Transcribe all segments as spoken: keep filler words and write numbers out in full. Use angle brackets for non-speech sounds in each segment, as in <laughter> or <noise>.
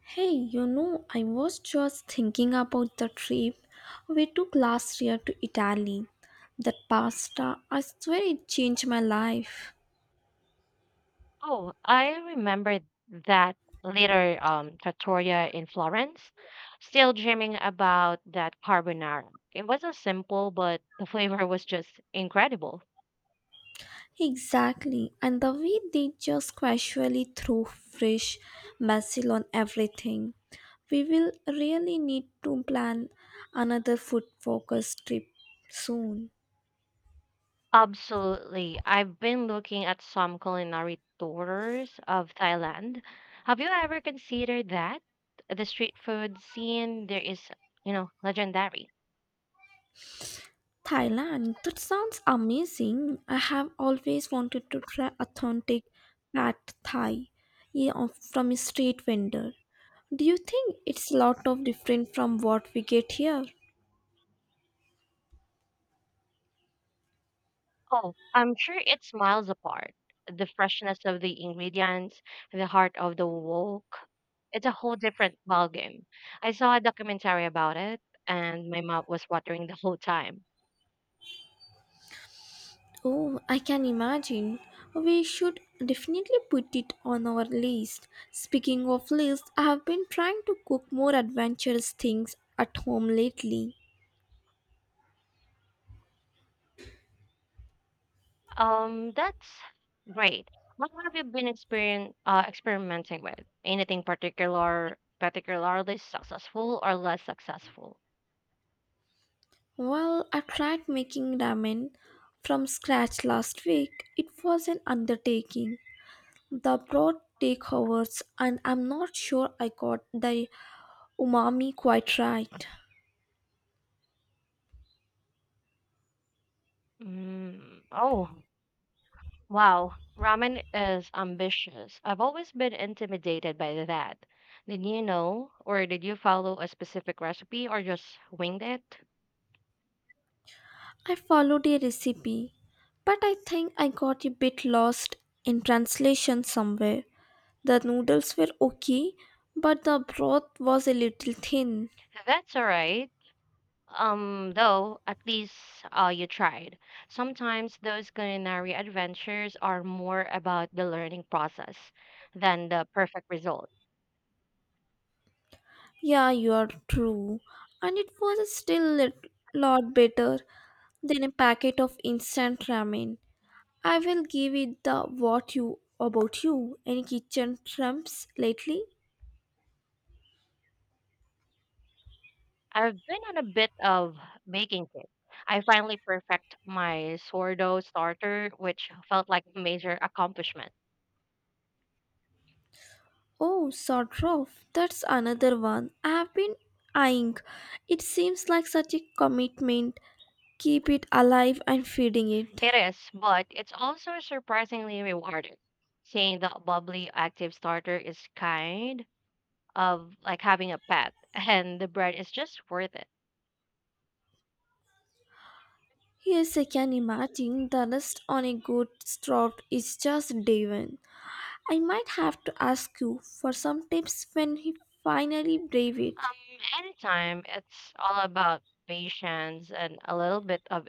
Hey, you know, I was just thinking about the trip we took last year to Italy. That pasta, I swear it changed my life. Oh, I remember that later um, trattoria in Florence. Still dreaming about that carbonara. It wasn't simple, but the flavor was just incredible. Exactly, and the way they just casually throw fresh basil on everything. We will really need to plan another food focused trip soon. Absolutely. I've been looking at some culinary tours of Thailand. Have you ever considered that? The street food scene there is, you know, legendary. Thailand, that sounds amazing. I have always wanted to try authentic pad thai yeah, of- from a street vendor. Do you think it's a lot of different from what we get here? Oh, I'm sure it's miles apart. The freshness of the ingredients, the heart of the wok. It's a whole different ballgame. I saw a documentary about it, and my mouth was watering the whole time. Oh, I can imagine. We should definitely put it on our list. Speaking of list, I have been trying to cook more adventurous things at home lately. Um, that's great. What have you been experien uh, experimenting with? Anything particular, particularly successful or less successful? Well, I tried making ramen from scratch last week. It was an undertaking. The broth take hours, and I'm not sure I got the umami quite right. Mm, oh. Wow, ramen is ambitious. I've always been intimidated by that. Did you know, or did you follow a specific recipe or just winged it? I followed a recipe, but I think I got a bit lost in translation somewhere. The noodles were okay, but the broth was a little thin. That's all right. Um, though, at least uh, you tried. Sometimes those culinary adventures are more about the learning process than the perfect result. Yeah, you are true. And it was still a lot better than a packet of instant ramen. I will give it the what you about you. Any kitchen trumps lately? I've been on a bit of baking kick. I finally perfect my sourdough starter, which felt like a major accomplishment. Oh, sort of. That's another one. I have been eyeing. It seems like such a commitment. Keep it alive and feeding it. It is, but it's also surprisingly rewarding. Seeing the bubbly active starter is kind of like having a pet, <laughs> and the bread is just worth it. Yes, I can imagine the rest on a good stroke is just divine. I might have to ask you for some tips when he finally brave it. Um, anytime it's all about patience and a little bit of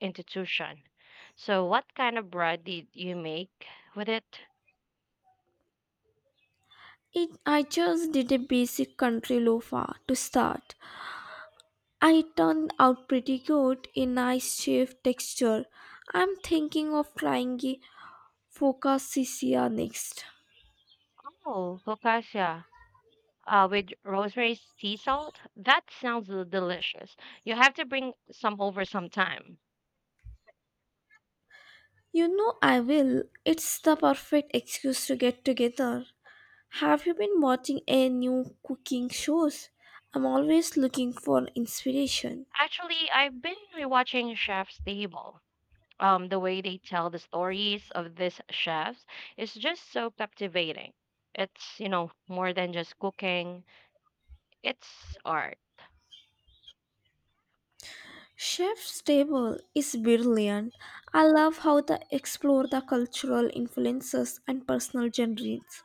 institution. So, what kind of bread did you make with it? It I just did a basic country loafer to start. I turned out pretty good a nice shape texture. I'm thinking of trying a focaccia next. Oh, focaccia. Uh, with rosemary sea salt? That sounds delicious. You have to bring some over sometime. You know I will. It's the perfect excuse to get together. Have you been watching any new cooking shows? I'm always looking for inspiration. Actually, I've been rewatching Chef's Table. Um, the way they tell the stories of these chefs is just so captivating. It's, you know, more than just cooking, it's art. Chef's Table is brilliant. I love how they explore the cultural influences and personal journeys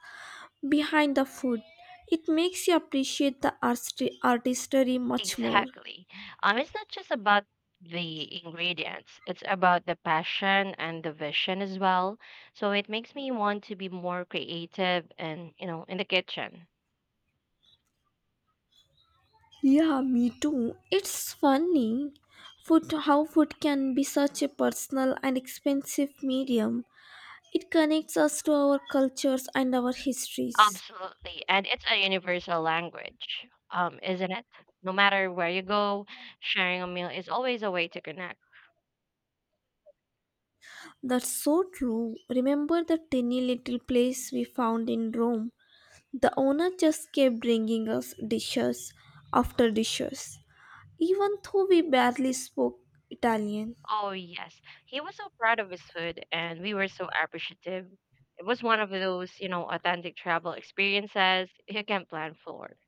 behind the food. It makes you appreciate the artist- artistry much more. Exactly. Um, it's not just about the ingredients, it's about the passion and the vision as well. So it makes me want to be more creative and, you know, in the kitchen. Yeah, me too. It's funny food how food can be such a personal and expensive medium. It connects us to our cultures and our histories. Absolutely. And it's a universal language, um, isn't it? No matter where you go, sharing a meal is always a way to connect. That's so true. Remember the tiny little place we found in Rome. The owner just kept bringing us dishes after dishes, even though we barely spoke Italian. Oh, yes. He was so proud of his food, and we were so appreciative. It was one of those, you know, authentic travel experiences you can plan for.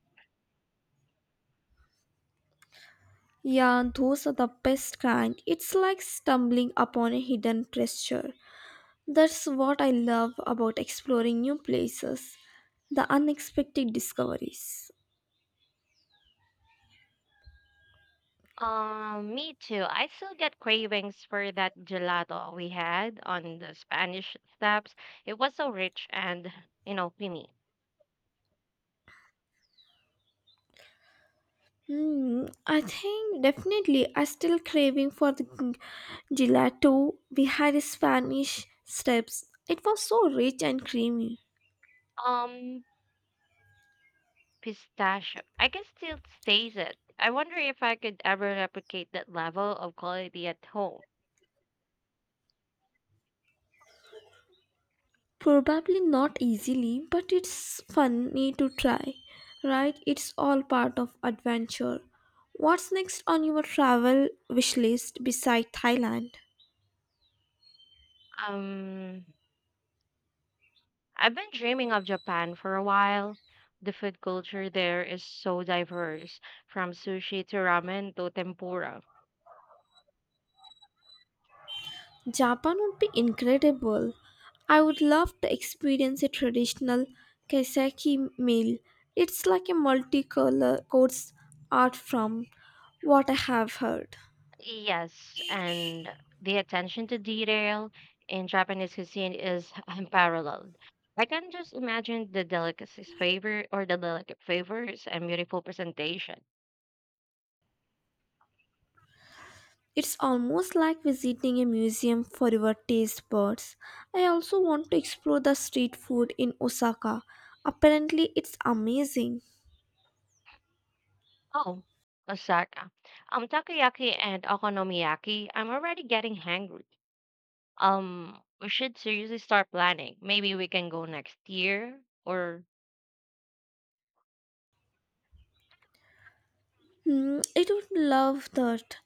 Yeah, those are the best kind. It's like stumbling upon a hidden treasure. That's what I love about exploring new places, the unexpected discoveries. Um, me too. I still get cravings for that gelato we had on the Spanish steps. It was so rich and, you know, creamy. Hmm, I think definitely I still craving for the g- gelato. We had Spanish steps. It was so rich and creamy. Um, Pistachio. I can still taste it. I wonder if I could ever replicate that level of quality at home. Probably not easily, but it's funny to try, right? It's all part of adventure. What's next on your travel wish list beside Thailand? Um, I've been dreaming of Japan for a while. The food culture there is so diverse, from sushi to ramen to tempura. Japan would be incredible. I would love to experience a traditional kaiseki meal. It's like a multicolor course art from what I have heard. Yes, and the attention to detail in Japanese cuisine is <laughs> unparalleled. I can just imagine the delicacies favor or the delicate flavors and beautiful presentation. It's almost like visiting a museum for your taste buds. I also want to explore the street food in Osaka. Apparently, it's amazing. Oh, Osaka. Um, takoyaki and okonomiyaki. I'm already getting hangry. Um, we should seriously start planning. Maybe we can go next year or Hmm, it would love that.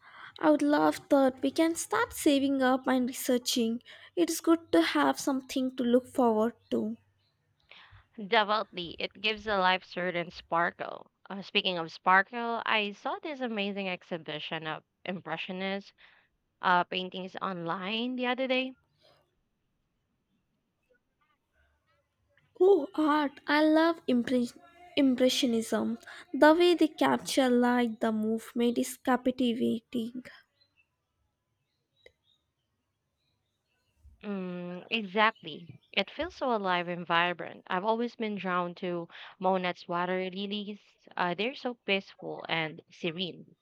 I would love that. We can start saving up and researching. It's good to have something to look forward to. definitely. It gives a life certain sparkle. Uh, speaking of sparkle, I saw this amazing exhibition of impressionist uh paintings online the other day. Oh, art. I love impre- Impressionism. The way they capture light, the movement is captivating. Mm, exactly. It feels so alive and vibrant. I've always been drawn to Monet's water lilies. Uh, they're so peaceful and serene.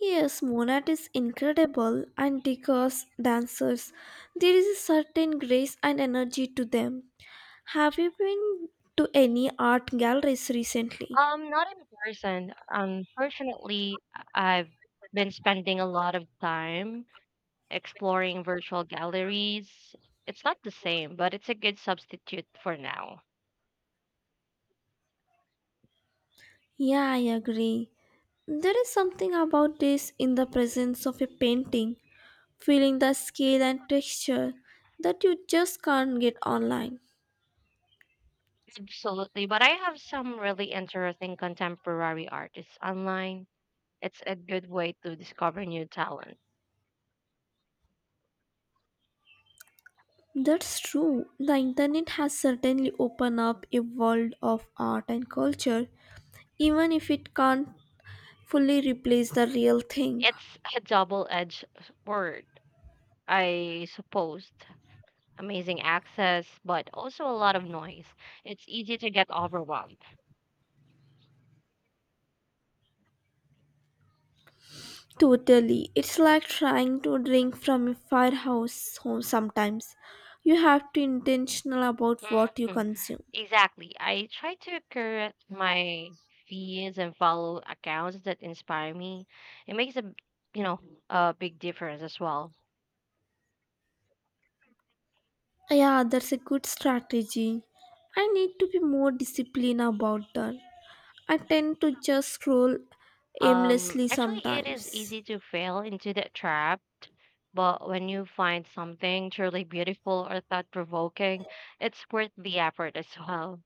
Yes, Monat is incredible, and because dancers, there is a certain grace and energy to them. Have you been to any art galleries recently? Um, not in person. Unfortunately, I- I've been spending a lot of time exploring virtual galleries. It's not the same, but it's a good substitute for now. Yeah, I agree. There is something about this in the presence of a painting, feeling the scale and texture that you just can't get online. Absolutely. But I have some really interesting contemporary artists online. It's a good way to discover new talent. That's true. The internet has certainly opened up a world of art and culture, even if it can't fully replace the real thing. It's a double-edged word, I suppose. Amazing access, but also a lot of noise. It's easy to get overwhelmed. Totally. It's like trying to drink from a firehouse home sometimes. You have to intentional about what you Mhm. consume. Exactly. I try to curate my feeds and follow accounts that inspire me. It makes a, you know, a big difference as well. Yeah, that's a good strategy. I need to be more disciplined about that. I tend to just scroll Um, aimlessly Actually, it is sometimes. easy to fall into that trap, but when you find something truly beautiful or thought-provoking, it's worth the effort as well.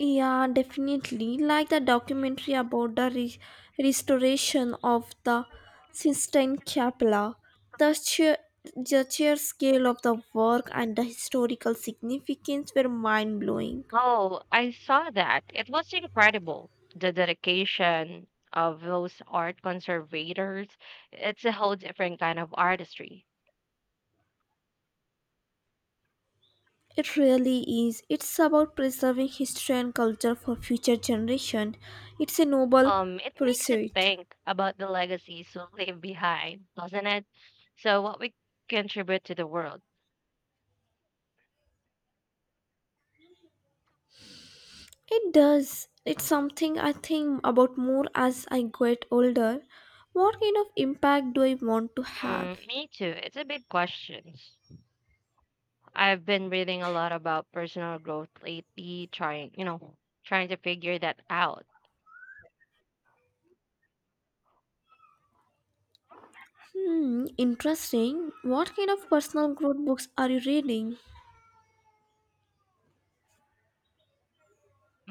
Yeah, Restoration definitely. Like the of the documentary about the re- Pennsylvania Judges restoration of the Sistine Chapel, the sheer, the sheer scale of the work and the historical significance were mind blowing. Local. Oh, I saw that. It was incredible. The dedication of those art conservators, it's a whole different kind of artistry. It really is. It's about preserving history and culture for future generation. It's a noble Um, it makes you pursuit. think about the legacies we leave behind, doesn't it? So what we contribute to the world. It does. It's something I think about more as I get older. What kind of impact do I want to have? Mm, me too. It's a big question. I've been reading a lot about personal growth lately, trying, you know, trying to figure that out. Hmm, interesting. What kind of personal growth books are you reading?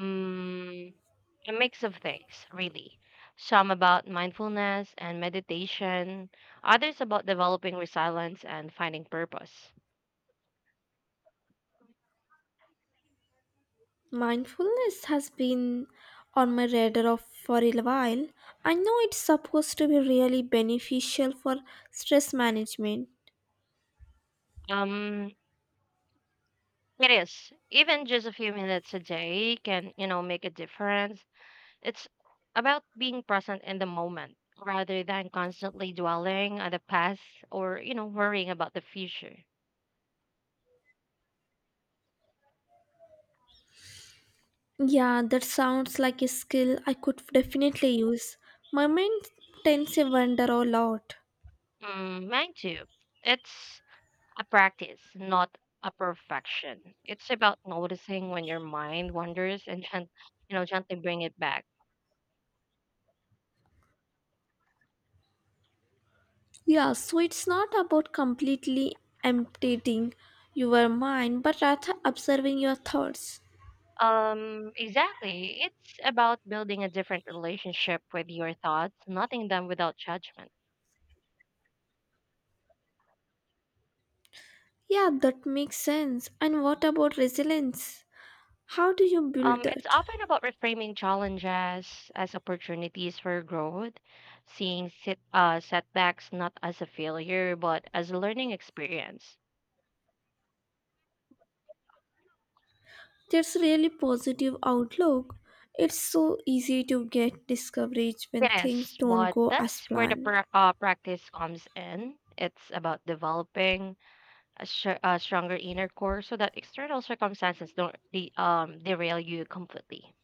Mm, a mix of things, really. Some about mindfulness and meditation, others about developing resilience and finding purpose. Mindfulness has been on my radar of for a while. I know it's supposed to be really beneficial for stress management. Um, it is. Even just a few minutes a day can, you know, make a difference. It's about being present in the moment rather than constantly dwelling on the past or, you know, worrying about the future. Yeah, that sounds like a skill I could definitely use. My mind tends to wander a lot. Mm, mine too. It's a practice, not a perfection. It's about noticing when your mind wanders and gent- you know gently bring it back. Yeah, so it's not about completely emptying your mind, but rather observing your thoughts. Um, exactly. It's about building a different relationship with your thoughts, noting them without judgment. Yeah, that makes sense. And what about resilience? How do you build Um, it's that? often about reframing challenges as opportunities for growth, seeing sit, uh, setbacks not as a failure but as a learning experience. That's really positive outlook. It's so easy to get discouraged when things Yes, don't but go as that's where the planned. pra- uh, practice comes in. It's about developing a, sh- a stronger inner core so that external circumstances don't de- um, derail you completely.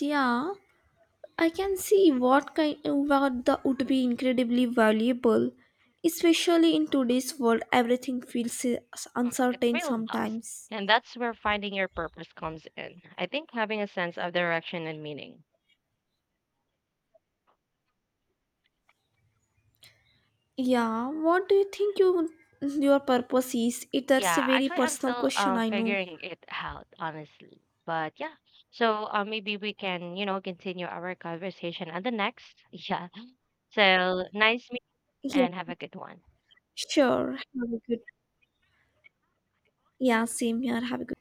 Yeah, I can see what kind what that would be incredibly valuable, especially in today's world. Everything feels Um, It uncertain really does. sometimes. And that's where finding your purpose comes in. I think having a sense of direction and meaning. Yeah, what do you think you, your purpose is? It, that's a Yeah, very actually, I'm personal still question. uh, I know. figuring it out, honestly. But yeah, so uh, maybe we can, you know, continue our conversation at the next. <laughs> Yeah. So nice meet and have a good one. Sure. Have a good. Yeah, same here. Have a good.